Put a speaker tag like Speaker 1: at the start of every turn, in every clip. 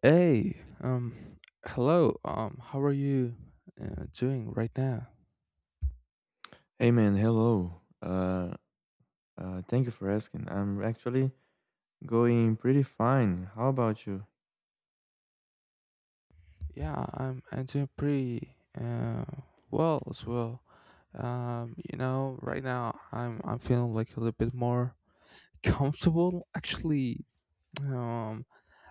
Speaker 1: Hey, hello. How are you doing right now?
Speaker 2: Hey man, hello. Uh, thank you for asking. I'm actually going pretty fine. How about you?
Speaker 1: Yeah, I'm doing pretty well as well. Right now I'm feeling like a little bit more comfortable. Actually, um,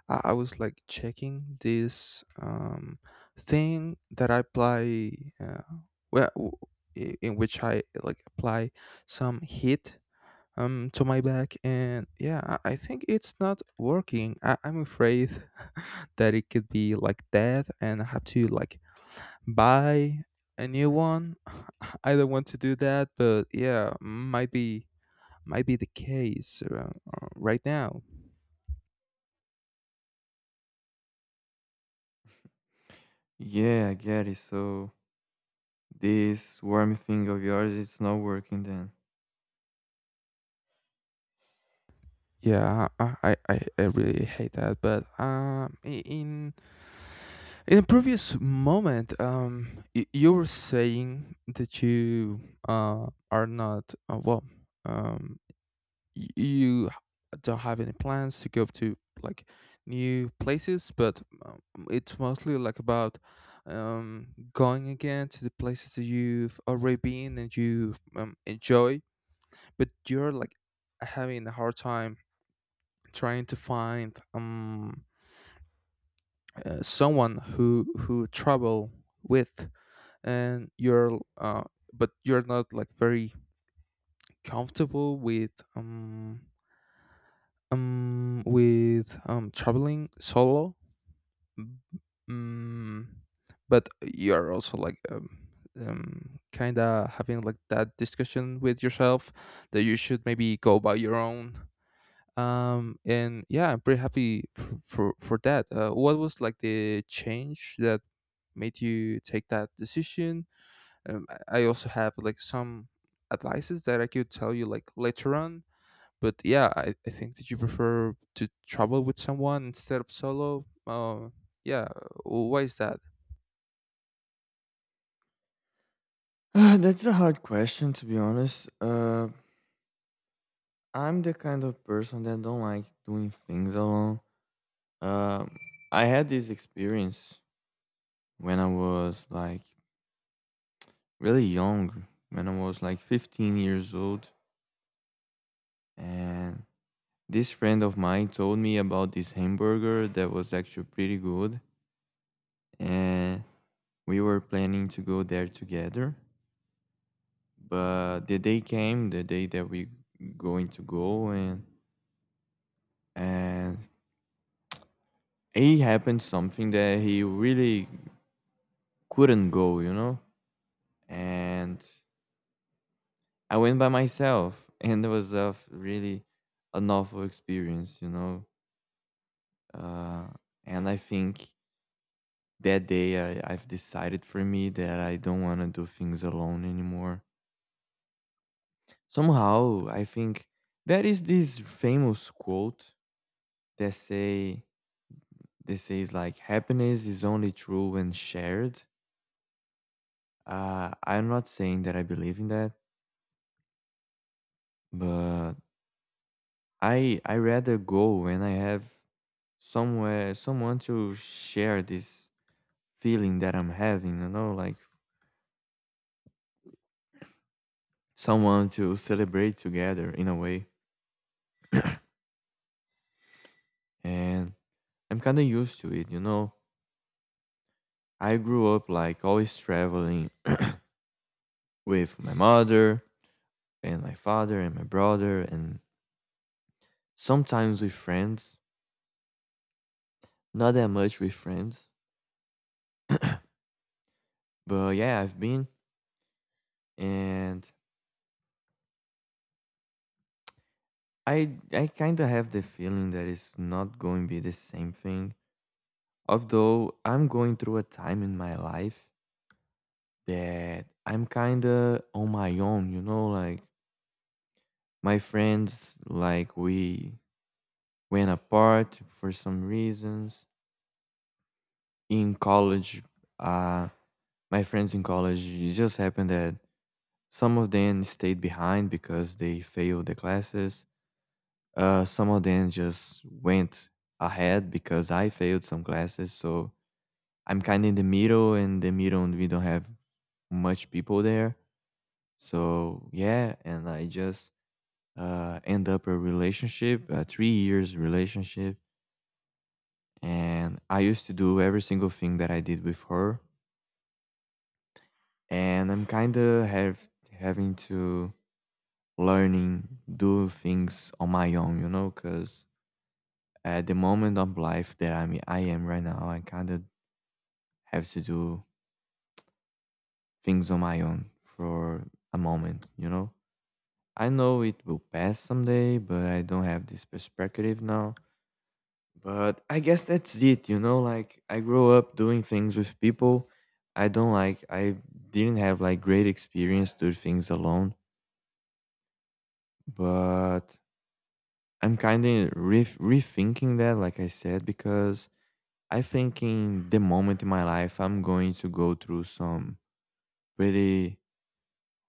Speaker 1: I was like checking this thing that I apply, well, in which I like apply some heat to my back, and yeah, I think it's not working. I'm afraid that it could be like that and I have to like buy a new one. I don't want to do that, but yeah, might be the case, right now.
Speaker 2: Yeah, I get it. So this worm thing of yours it's not working then.
Speaker 1: Yeah, I really hate that, but in a previous moment, you were saying that you uh are not, um you don't have any plans to go to like new places, but it's mostly like about, um, going again to the places that you've already been and you enjoy, but you're like having a hard time trying to find, someone who travel with, and you're but you're not like very comfortable with, with traveling solo. mm, but you're also like, kind of having like that discussion with yourself that you should maybe go by your own, and yeah, I'm pretty happy for that. What was like the change that made you take that decision? I also have like some advices that I could tell you like later on, but yeah, I think that you prefer to travel with someone instead of solo. Yeah, why is that?
Speaker 2: That's a hard question to be honest. I'm the kind of person that don't like doing things alone. Um, I had this experience when I was like really young, when I was like 15 years old, and This friend of mine told me about this hamburger that was actually pretty good, and we were planning to go there together. But the day came, the day that we going to go, and it happened something that he really couldn't go, you know. And I went by myself, and it was really an awful experience, you know. Uh, and I think that day, I've decided for me that I don't want to do things alone anymore. Somehow, I think there is this famous quote that say that says like happiness is only true when shared. I'm not saying that I believe in that, but I rather go when I have somewhere someone to share this feeling that I'm having. You know, like someone to celebrate together in a way, and I'm kind of used to it, you know. I grew up like always traveling with my mother and my father and my brother and sometimes with friends. Not that much with friends, but yeah, I've been and I kind of have the feeling that it's not going to be the same thing. Although I'm going through a time in my life that I'm kind of on my own, you know, like my friends, like we went apart for some reasons in college. uh, my friends in college, it just happened that some of them stayed behind because they failed the classes. Some of them just went ahead because I failed some classes. So I'm kind of in the middle, and the middle we don't have much people there. So yeah, and I just end up a relationship, a 3 years relationship, and I used to do every single thing that I did with her, and I'm kind of have having to learning do things on my own, you know, because at the moment of life that I am right now, I kind of have to do things on my own for a moment, you know. I know it will pass someday, but I don't have this perspective now. But I guess that's it, you know, like I grew up doing things with people. I didn't have like great experience doing things alone, but I'm kind of rethinking that, like I said, because I think in the moment in my life, I'm going to go through some pretty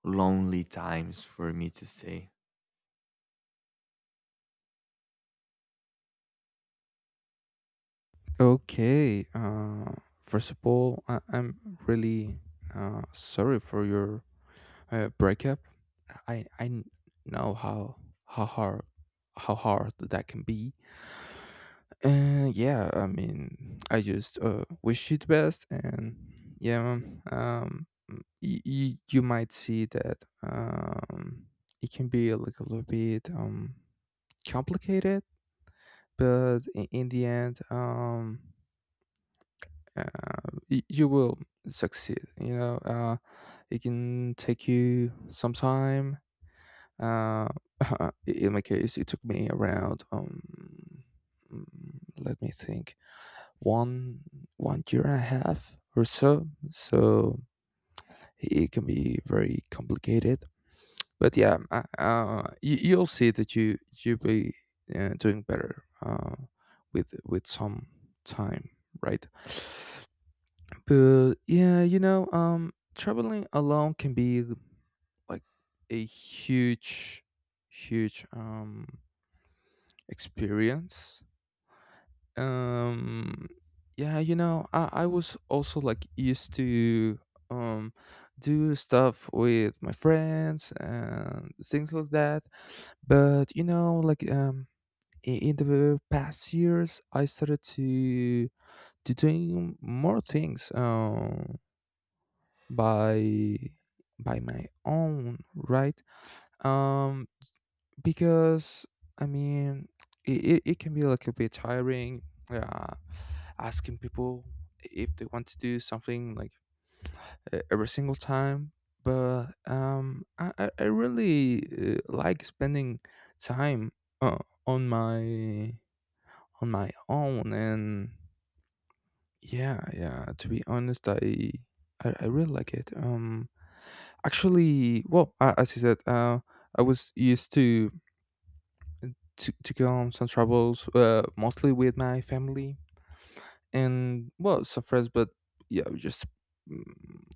Speaker 2: lonely times for me to say.
Speaker 1: Okay. First of all, I'm really sorry for your breakup. I know how hard how hard that can be. Yeah, I mean, I just wish you the best, and yeah, you might see that it can be like a little bit complicated, but in the end, you will succeed. You know, it can take you some time. Uh, in my case, it took me around, let me think, one one year and a half or so. So it can be very complicated. But yeah, you'll see that you'll be doing better with some time, right? But yeah, you know, traveling alone can be like a huge, huge experience. um yeah, you know, I was also like used to um do stuff with my friends and things like that, but you know like, in the past years I started to doing more things, by by my own, right? um because I mean, it can be like a bit tiring. Uh, Asking people if they want to do something like, every single time. But I really like spending time uh, on my own, and yeah, yeah. To be honest, I really like it. Actually, well, as you said, I was used to calm some troubles, mostly with my family, and well, some friends, but yeah, we just, mm,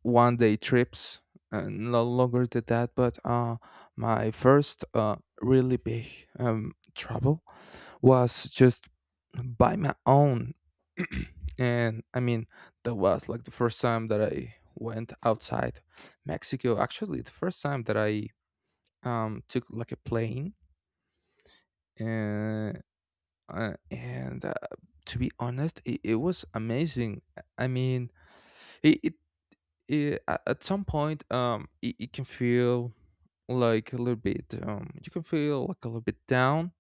Speaker 1: one day trips and no longer than that. But my first really big trouble was just by my own. And I mean, that was like the first time that I went outside Mexico. Actually, the first time that I took like a plane, uh, and to be honest, it was amazing. I mean, it, it, at some point, it can feel like a little bit, you can feel like a little bit down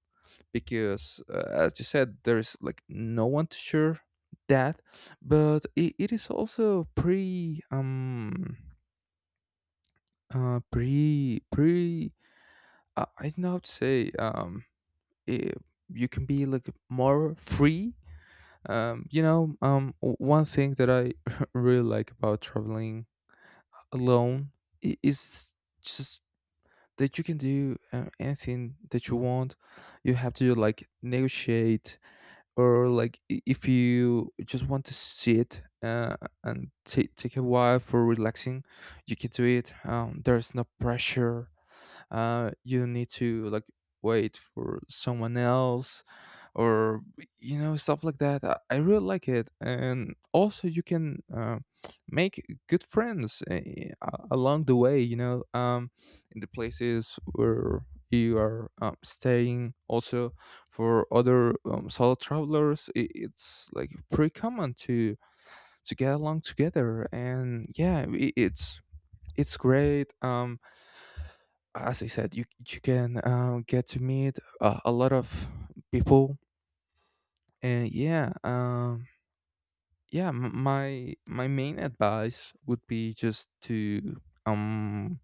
Speaker 1: because, as you said, there's like no one to share that, but it is also pretty, uh pretty pretty I don't know how to say, eh, you can be like more free. You know, one thing that I really like about traveling alone is just that you can do anything that you want. You have to like negotiate, or like, if you just want to sit and take a while for relaxing, you can do it. There's no pressure. You don't need to like wait for someone else, or you know, stuff like that. I really like it, and also you can make good friends, along the way, you know, in the places where you are, staying. Also, for other, solo travelers, I it's like pretty common to get along together, and yeah, I it's great. As I said, you can, get to meet a lot of people. And yeah, yeah, my main advice would be just to,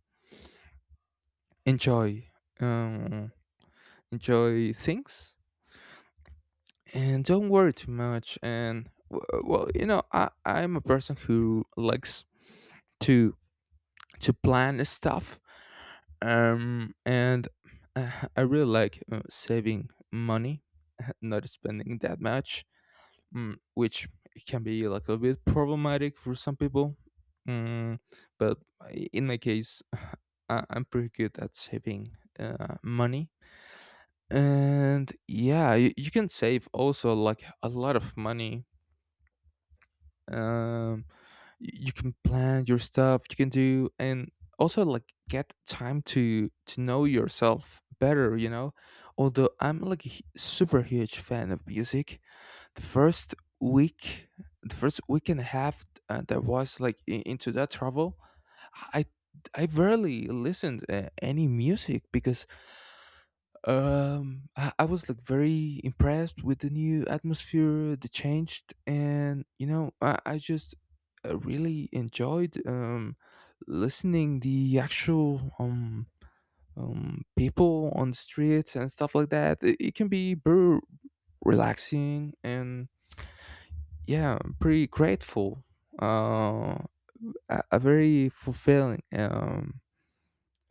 Speaker 1: enjoy um enjoy things and don't worry too much. And well, you know, I'm a person who likes to to plan stuff. And I really like saving money, not spending that much, which can be like a bit problematic for some people. Mm, but in my case, I'm pretty good at saving money. And yeah, you can save also like a lot of money. Um, you can plan your stuff, you can do, and also like get time to know yourself better, you know. Although I'm like a super huge fan of music, the first week the first week and a half that was like, into that travel, i I rarely listened any music, because, I was like very impressed with the new atmosphere, the changed, and you know, I just really enjoyed, listening the actual, people on the streets and stuff like that. It can be very relaxing, and yeah, pretty grateful, uh a very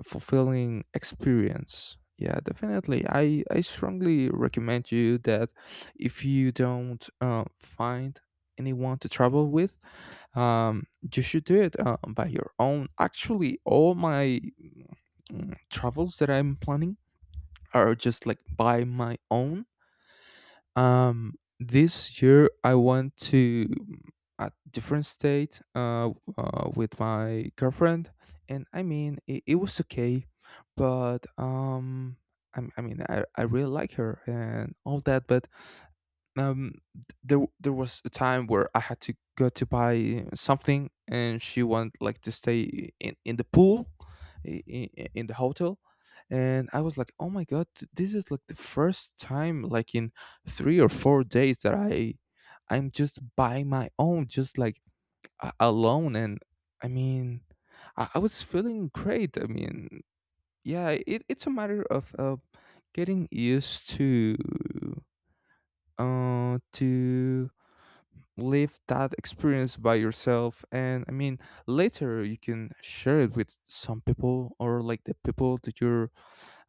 Speaker 1: fulfilling experience. Yeah, definitely, I strongly recommend you that if you don't find anyone to travel with, um you should do it by your own. Actually, all my, travels that I'm planning are just like by my own. um, this year I went to a different state, with my girlfriend, and I mean, it was okay, but I mean, I really like her and all that, but there was a time where I had to go to buy something, and she wanted like to stay in the pool, in the hotel, and I was like, oh my God, this is like the first time like in 3 or 4 days that I'm just by my own, just like, alone. And I mean, I was feeling great. I mean, yeah, it's a matter of, getting used to, to live that experience by yourself. And I mean, later you can share it with some people, or like the people that you're,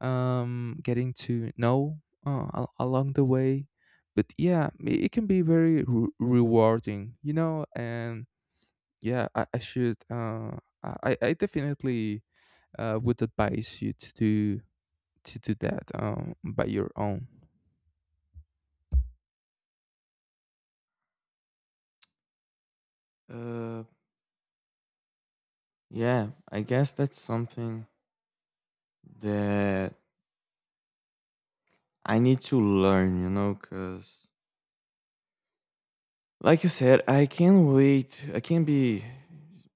Speaker 1: getting to know, along the way. But yeah, it can be very, rewarding, you know. And yeah, I should, I definitely would advise you to do, to do that, by your own.
Speaker 2: Uh, yeah, I guess that's something that I need to learn, you know, because like you said, I can't wait. I can't be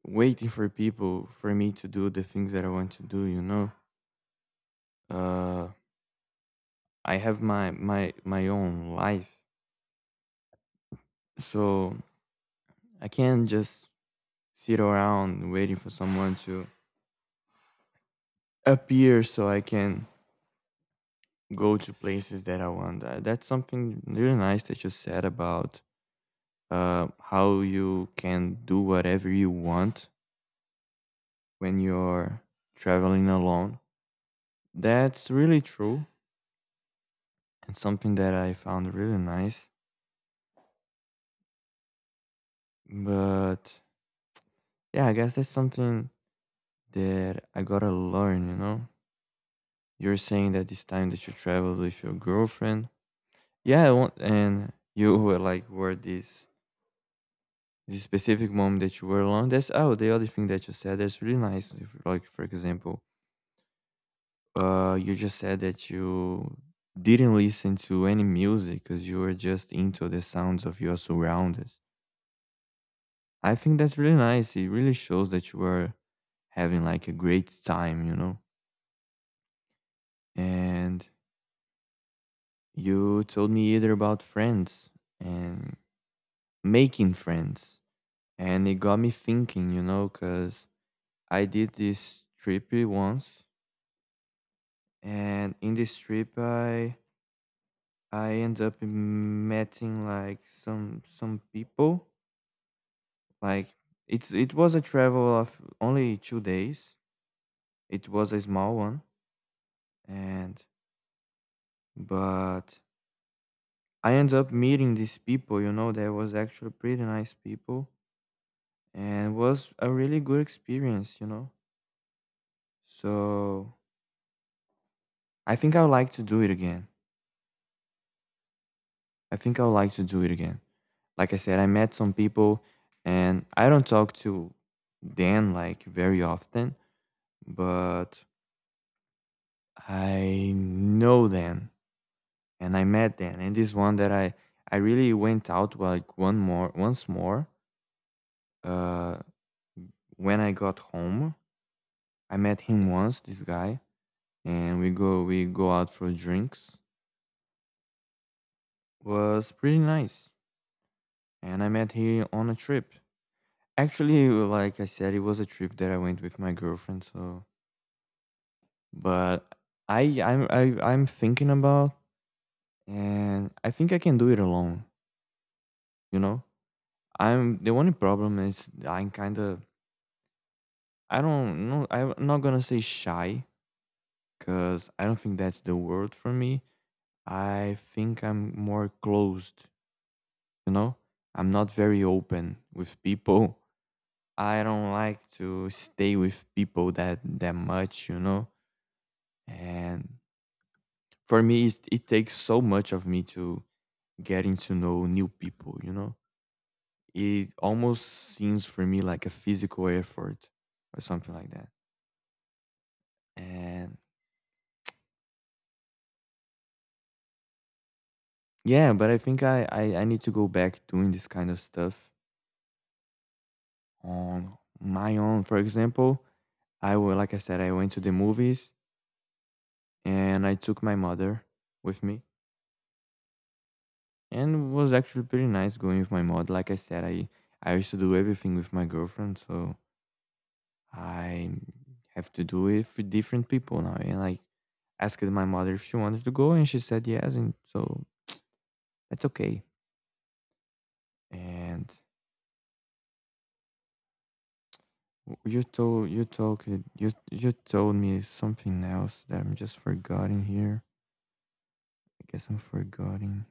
Speaker 2: waiting for people for me to do the things that I want to do, you know. Uh, I have my own life, so I can't just sit around waiting for someone to appear so I can go to places that I want. That's something really nice that you said about how you can do whatever you want when you're traveling alone. That's really true, and something that I found really nice. But yeah, I guess that's something that I gotta learn, you know? You're saying that this time that you traveled with your girlfriend, yeah, I want, and you were were this this specific moment that you were alone. That's oh the other thing that you said that's really nice. If, like for example, you just said that you didn't listen to any music because you were just into the sounds of your surroundings. I think that's really nice. It really shows that you were having like a great time, you know. And you told me either about friends and making friends, and it got me thinking, you know, because I did this trip once, and in this trip, I end up meeting like some people. Like it was a travel of only 2 days. It was a small one, and but I end up meeting these people. You know, they was actually pretty nice people, and was a really good experience. You know, so I think I would like to do it again. I think I would like to do it again. Like I said, I met some people and I don't talk to Dan like very often, but I know Dan and I met Dan. And this one that I really went out like one more once more uh when I got home. I met him once, this guy, and we go out for drinks. Was pretty nice. And I met him on a trip. Actually, like I said, it was a trip that I went with my girlfriend, so. But I'm thinking about, and I think I can do it alone. You know, I'm the only problem is I'm kind of, I don't know, I'm not gonna say shy because I don't think that's the word for me. I think I'm more closed. You know, I'm not very open with people. I don't like to stay with people that much. You know, and for me it takes so much of me to getting to know new people, you know? It almost seems for me like a physical effort or something like that. And yeah, but I think I need to go back doing this kind of stuff on my own. For example, like I said, I went to the movies and I took my mother with me, and it was actually pretty nice going with my mother. Like I said, I used to do everything with my girlfriend, so I have to do it for different people now. And I asked my mother if she wanted to go and she said yes, and so that's okay. And w- you told you told you you told me something else that I'm just forgetting here. I guess I'm forgetting.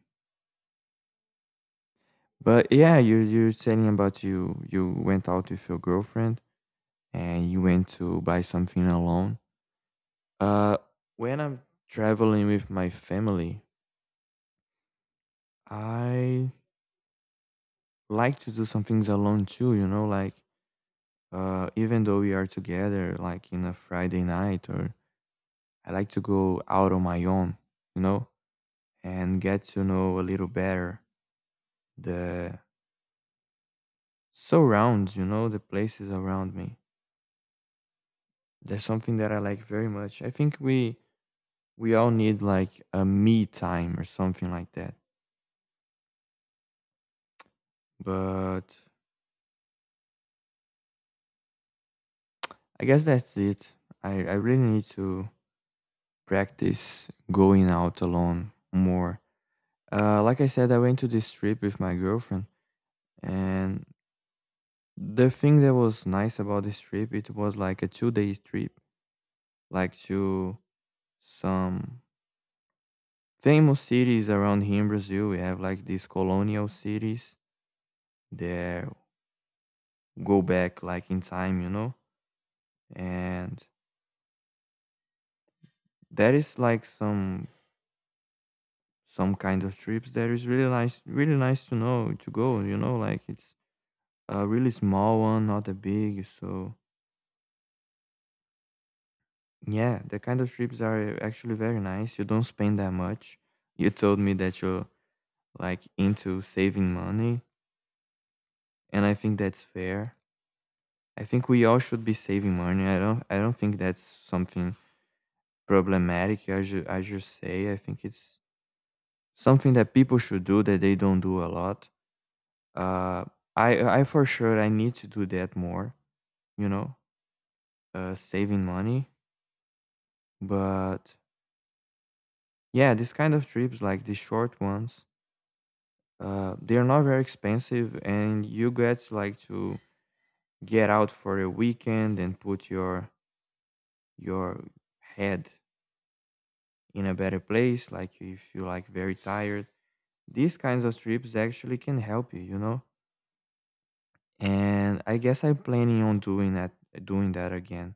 Speaker 2: But yeah, you you're saying about you went out with your girlfriend and you went to buy something alone. Uh when I'm traveling with my family, I like to do some things alone too, you know, like even though we are together like in a Friday night, or I like to go out on my own, you know, and get to know a little better the surrounds, you know, the places around me. That's something that I like very much. I think we all need like a me time or something like that. But I guess that's it. I really need to practice going out alone more. Like I said, I went to this trip with my girlfriend, and the thing that was nice about this trip, it was like a two-day trip, like to some famous cities around here in Brazil. We have like these colonial cities that go back like in time, you know, and that is like some kind of trips that is really nice to know to go, you know, like it's a really small one, not a big, so. Yeah, that kind of trips are actually very nice. You don't spend that much. You told me that you're like into saving money, and I think that's fair. I think we all should be saving money. I don't think that's something problematic as you say. I think it's something that people should do that they don't do a lot. Uh I for sure I need to do that more, you know, saving money. But yeah, this kind of trips like the short ones, they are not very expensive, and you get like to get out for a weekend and put your head in a better place. Like if you like very tired, these kinds of trips actually can help you, you know. And I guess I'm planning on doing that again.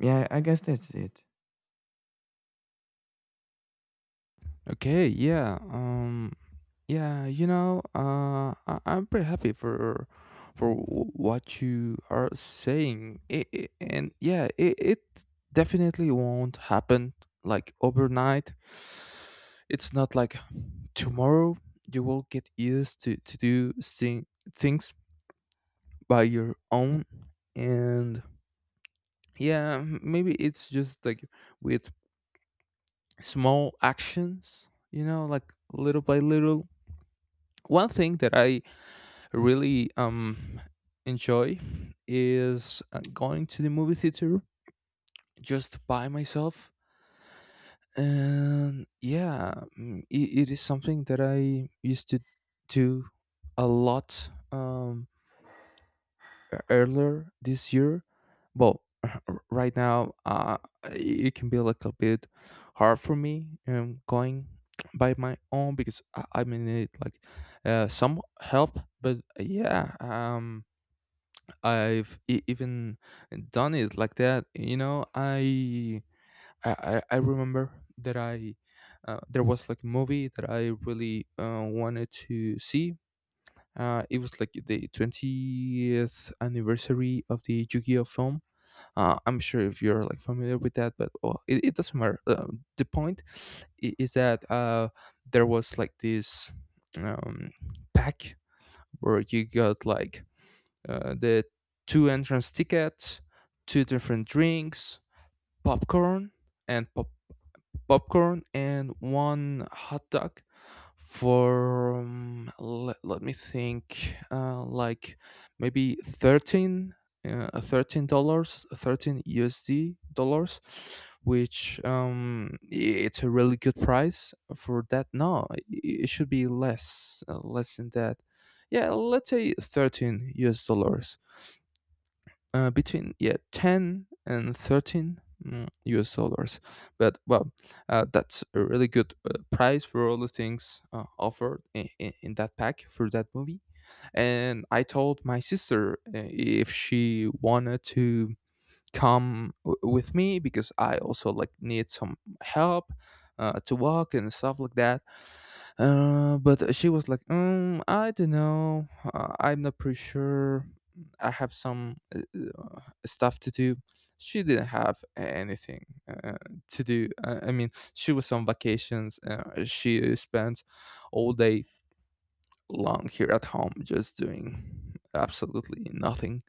Speaker 2: Yeah, I guess that's it.
Speaker 1: Okay, yeah. Yeah, you know, I'm pretty happy for what you are saying. And yeah, it definitely won't happen like overnight. It's not like tomorrow you will get used to do things by your own, and yeah, maybe it's just like with small actions, you know, like little by little. One thing that I really enjoy is, going to the movie theater just by myself. And yeah, it is something that I used to do a lot, earlier this year. Well, right now, it can be like a bit hard for me, going by my own, because, I may need like some help. But yeah, I've even done it like that. You know, I remember that, I there was like a movie that I really wanted to see. It was like the 20th anniversary of the Yu-Gi-Oh film. I'm sure if you're like familiar with that, but oh, it doesn't matter. The point is that, there was like this, um, pack where you got like, the two entrance tickets, two different drinks, popcorn and pop- popcorn and one hot dog for, let me think, like maybe 13, $13, 13 USD dollars, which, it's a really good price for that. No, it should be less, less than that. Yeah, let's say 13 US dollars, between, yeah, 10 and 13, US dollars. But well, that's a really good price for all the things offered in that pack for that movie. And I told my sister, if she wanted to with me, because I also like need some help, to walk and stuff like that. But she was like, "I don't know. I'm not pretty sure. I have some uh, stuff to do." She didn't have anything to do. I mean, she was on vacations. She spent all day long here at home just doing absolutely nothing,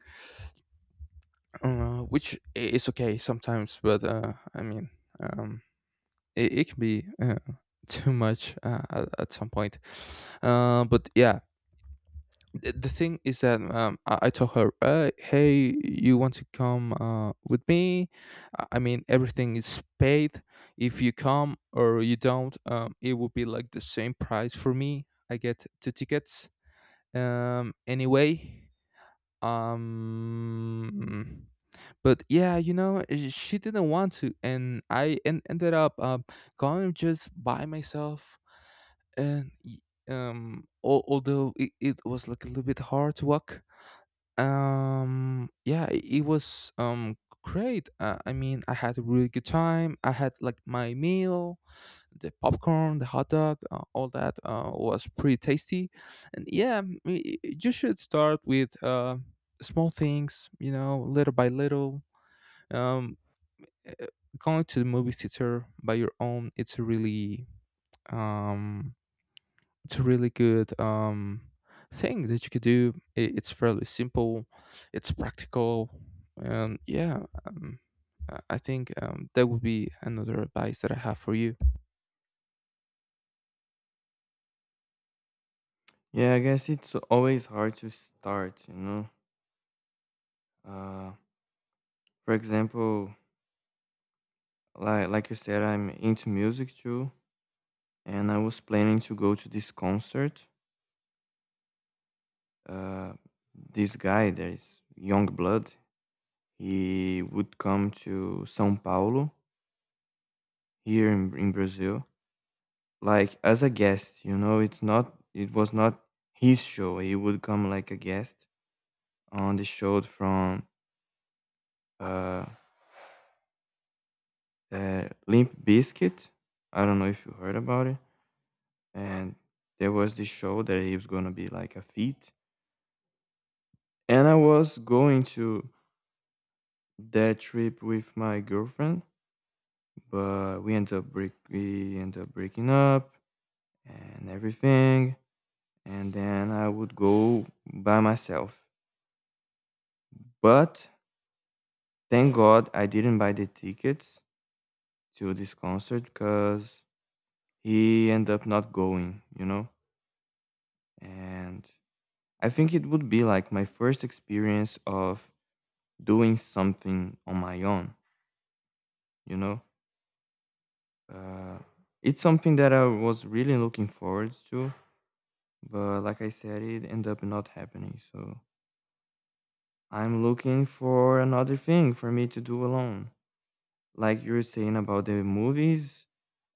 Speaker 1: which is okay sometimes, but, I mean, um, it can be, too much, at some point. But yeah, the thing is that, I told her, "Hey, you want to come, with me? I mean, everything is paid. If you come or you don't, it will be like the same price for me. I get two tickets. Anyway, um, but yeah, she didn't want to," and ended up, going just by myself. And y- Although it was like a little bit hard to walk, yeah, it was, great. I mean, I had a really good time. I had like my meal, the popcorn, the hot dog, all that, was pretty tasty. And yeah, you should start with small things, little by little. um, uh, Going to the movie theater by your own, it's a really... um, it's a really good thing that you could do. It's fairly simple, it's practical. And yeah, um, I think, that would be another advice that I have for you.
Speaker 2: Yeah, I guess it's always hard to start, you know. Uh, for example, like you said, I'm into music too, and I was planning to go to this concert. Uh, this guy, there is Youngblood. He would come to São Paulo here in Brazil, like as a guest. You know, it's not. It was not his show. He would come like a guest on the show from uh, Limp Biscuit. I don't know if you heard about it. And there was this show that he was gonna be like a feat, and I was going to that trip with my girlfriend, but we end up breaking up and everything, and then I would go by myself. But thank God I didn't buy the tickets to this concert because he ended up not going, you know? And I think it would be like my first experience of doing something on my own, you know? Uh, it's something that I was really looking forward to. But like I said, it ended up not happening. So I'm looking for another thing for me to do alone. Like you were saying about the movies,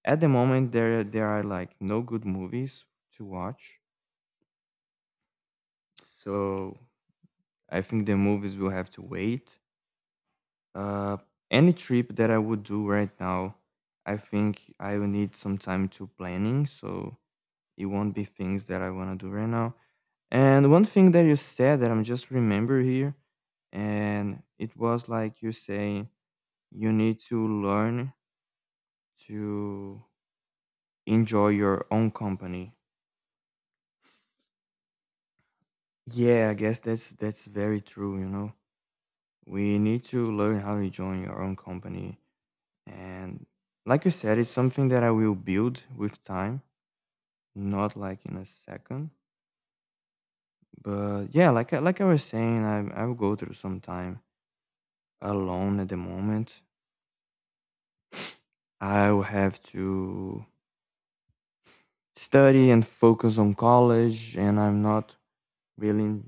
Speaker 2: at the moment there are like no good movies to watch. So I think the movies will have to wait. Uh, any trip that I would do right now, I think I will need some time to planning. So it won't be things that I want to do right now. And one thing that you said that I'm just remember here, and it was like you say you need to learn to enjoy your own company. Yeah, I guess that's very true, you know. We need to learn how to join our own company. And like you said, it's something that I will build with time, not like in a second. But yeah, like I was saying, I will go through some time alone at the moment. I will have to study and focus on college, and I'm not really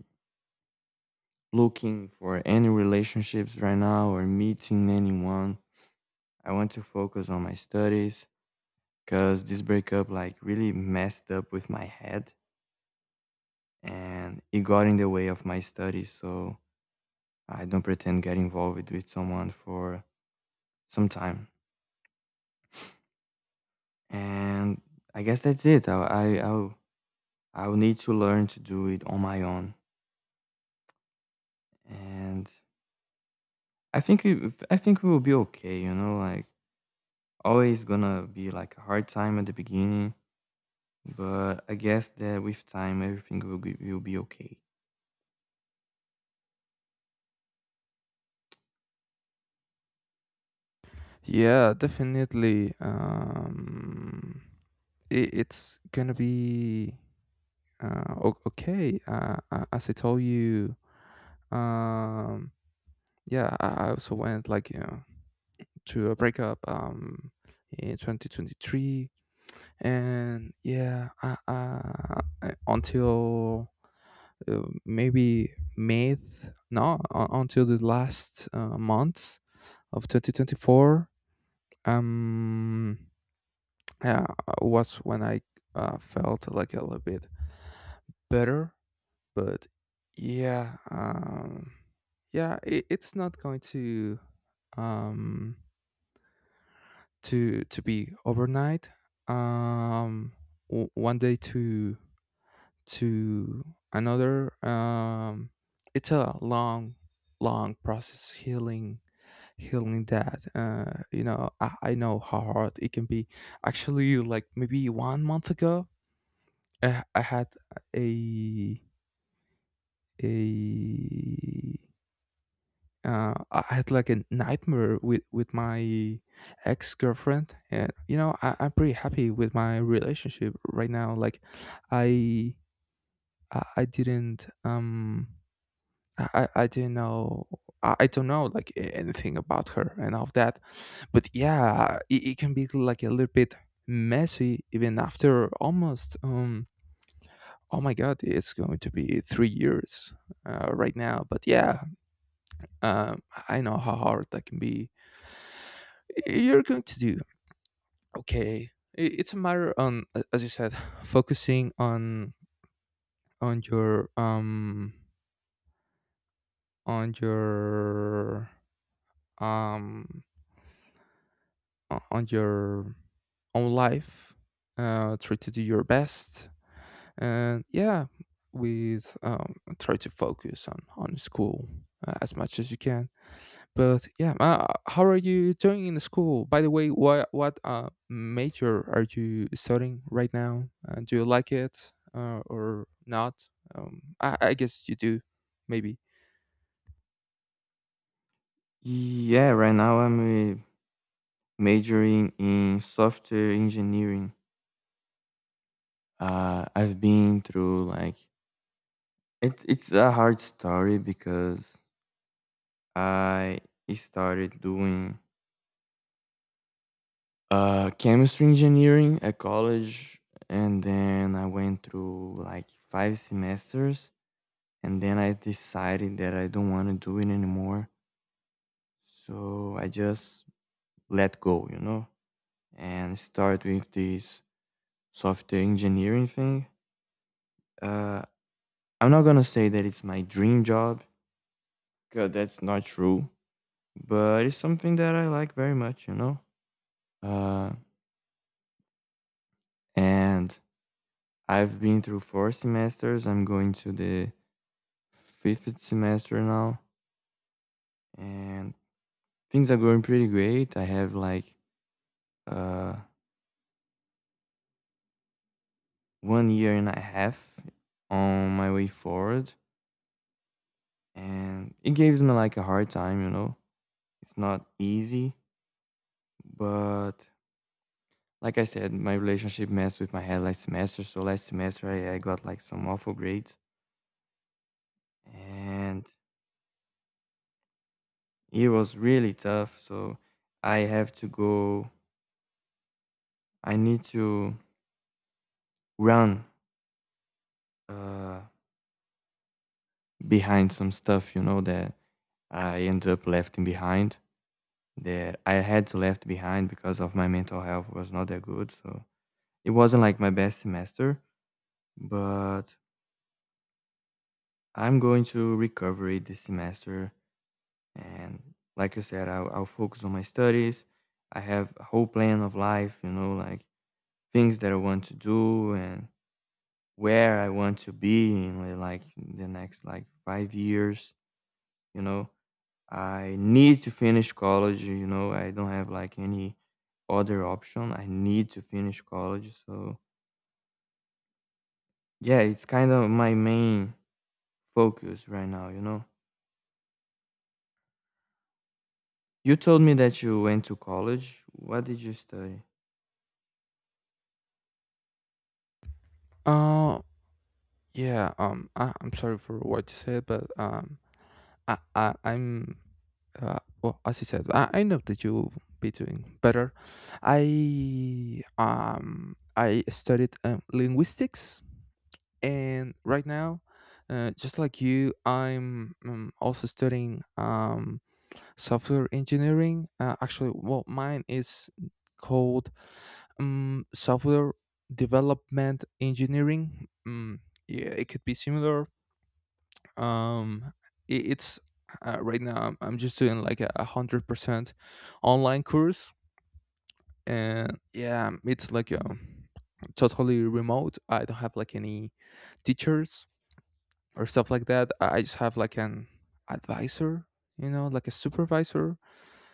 Speaker 2: looking for any relationships right now or meeting anyone. I want to focus on my studies because this breakup like really messed up with my head and it got in the way of my studies. So I don't pretend get involved with someone for some time. And I guess that's it. I'll need to learn to do it on my own and I think we will be okay, you know, like always gonna be like a hard time at the beginning, but I guess that with time everything will be okay.
Speaker 1: Yeah, definitely. It's gonna be, okay, as I told you. um, yeah, I also went, like, to a breakup, in 2023, and yeah, until, maybe May, no, until the last, month of 2024. Um, yeah, was when I, felt like a little bit better. But yeah, yeah, it's not going um to be overnight, um one day to to another. It's a long, long process, healing, that, you know, I know how hard it can be. Actually, like maybe one month ago, I had a a I had like a nightmare with my ex girlfriend, and you know, I'm pretty happy with my relationship right now. Like, I I, I didn't um I didn't know, I don't know like anything about her and all of that, but yeah, it can be like a little bit messy even after almost, oh my god, it's going to be 3 years, right now. But yeah, um I know how hard that can be. You're going to do okay. It's a matter on, as you said, focusing on your, on your, um on your own life. Try to do your best. And yeah, with try to focus on school, as much as you can. But yeah, how are you doing in school? By the way, what major are you studying right now? Do you like it, or not? I guess you do, maybe.
Speaker 2: Yeah, right now I'm majoring in software engineering. I've been through like it's a hard story because I started doing chemistry engineering at college and then I went through like 5 semesters and then I decided that I don't want to do it anymore. So I just let go, you know, and start with this software engineering thing. Uh, I'm not gonna say that it's my dream job, because that's not true, but it's something that I like very much, you know. Uh, and I've been through 4 semesters. I'm going to the fifth semester now, and things are going pretty great. I have like uh 1 year and a half on my way forward, and it gives me like a hard time, you know. It's not easy, but like I said, my relationship messed with my head last semester, so last semester I got like some awful grades, and it was really tough. So I have to go, I need to run uh, behind some stuff, you know, that I end up left behind, that I had to left behind because of my mental health was not that good. So it wasn't like my best semester, but I'm going to recover it this semester. And like you said, I'll focus on my studies. I have a whole plan of life, you know, like things that I want to do and where I want to be in like the next like 5 years, you know. I need to finish college, you know, I don't have like any other option. I need to finish college. So, yeah, it's kind of my main focus right now, you know. You told me that you went to college. What did you study?
Speaker 1: Uh, yeah. I'm sorry for what you said, but, I'm well, as you said, I know that you'll be doing better. I studied, linguistics, and right now, just like you, I'm, also studying, software engineering. Actually, well, mine is called, software development engineering. Yeah, it could be similar. um, it's, right now I'm just doing like a 100% online course, and yeah, it's like a totally remote. I don't have like any teachers or stuff like that. I just have like an advisor, like a supervisor,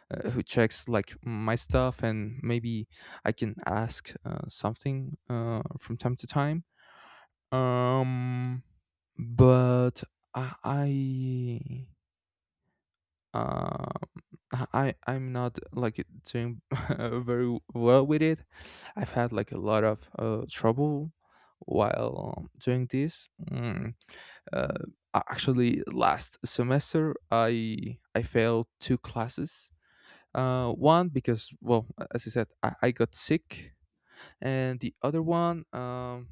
Speaker 1: who checks like my stuff, and maybe I can ask, something, from time to time. Um, but I, I uh, I'm not like doing very well with it. I've had like a lot of, trouble while, doing this. Uh, Actually, last semester I failed two classes. One because, well, as I said, I got sick, and the other one,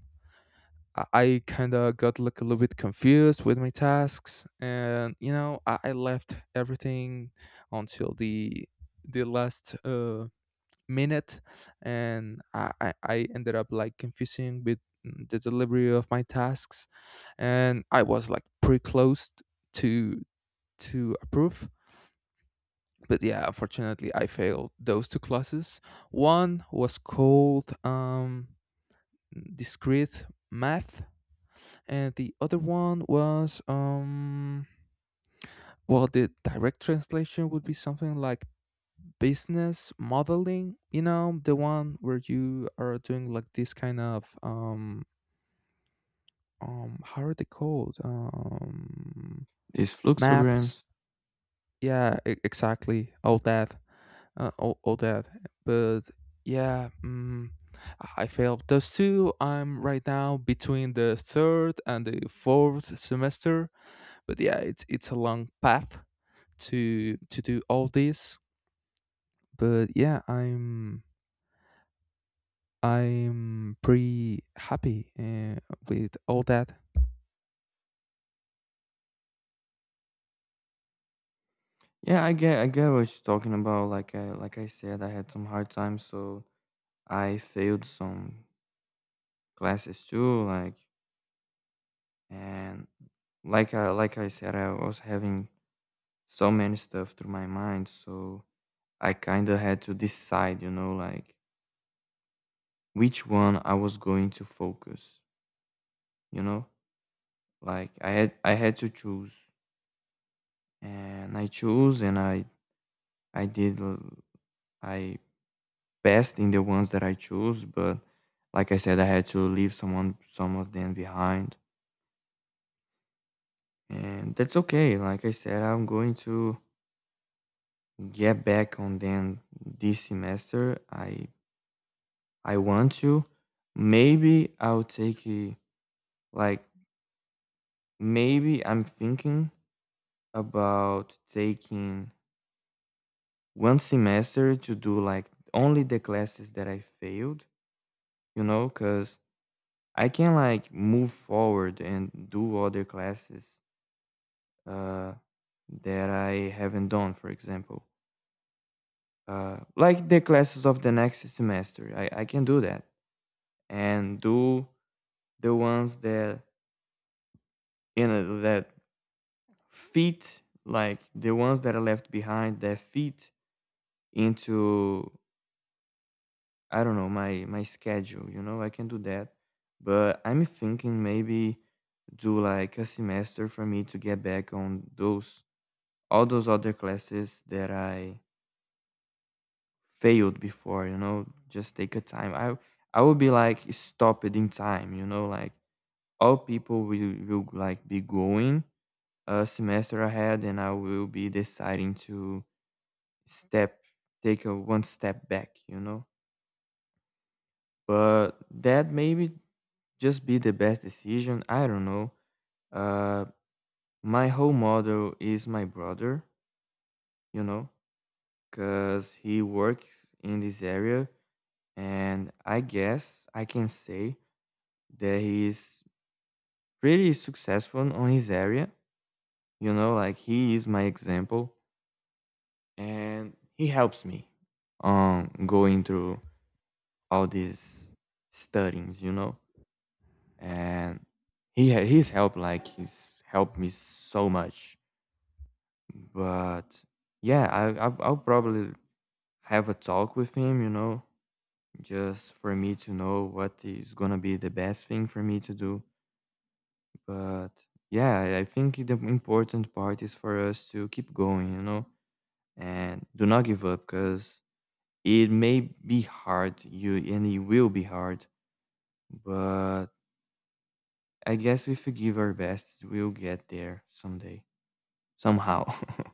Speaker 1: I kind of got like a little bit confused with my tasks, and you know, I left everything until the last, minute, and I ended up like confusing with the delivery of my tasks, and I was like pretty close to approve, but yeah, unfortunately I failed those two classes. One was called, discrete math, and the other one was, well, the direct translation would be something like business modeling, you know, the one where you are doing like this kind of, how are they called?
Speaker 2: These
Speaker 1: Maps.
Speaker 2: fluxograms.
Speaker 1: Yeah, exactly, all that, all that. But yeah, I failed those two. I'm right now between the third and the fourth semester. But yeah, it's, a long path to do all this. But yeah, I'm pretty happy, with all that.
Speaker 2: Yeah, I get what you're talking about. Like I said, I had some hard times, so I failed some classes too, like, and like I said, I was having so many stuff through my mind, so I kind of had to decide, you know, like which one I was going to focus, you know? Like I had to choose, and I chose, and I did l- I best in the ones that I chose, but like I said, I had to leave some of them behind. And that's okay. Like I said, I'm going to get back on them this semester. I want to maybe I'll take a, Like maybe I'm thinking about taking one semester to do like only the classes that I failed, you know, because I can like move forward and do other classes uh, that I haven't done, for example. Like the classes of the next semester, I can do that and do the ones that, you know, that fit, like the ones that are left behind that fit into, I don't know, my schedule, you know, I can do that. But I'm thinking maybe do like a semester for me to get back on those, all those other classes that I failed before, you know, just take a time. I will be like stopped in time, you know, like all people will like be going a semester ahead, and I will be deciding to step take a one step back, you know. But that maybe just be the best decision. I don't know. Uh, my whole model is my brother, you know, because he works in this area, and I guess I can say that he is pretty successful on his area. You know, like he is my example, and he helps me on going through all these studies, you know, and his help, like he's helped me so much. But yeah, I'll probably have a talk with him, you know, just for me to know what is gonna be the best thing for me to do. But yeah, I think the important part is for us to keep going, you know, and do not give up because it may be hard, you and it will be hard, but I guess if we give our best, we'll get there someday, somehow.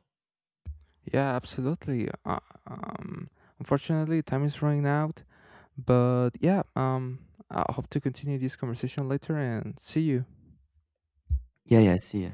Speaker 1: Yeah, absolutely. Um, Unfortunately, time is running out, but yeah, I hope to continue this conversation later and see you.
Speaker 2: Yeah, yeah, see ya.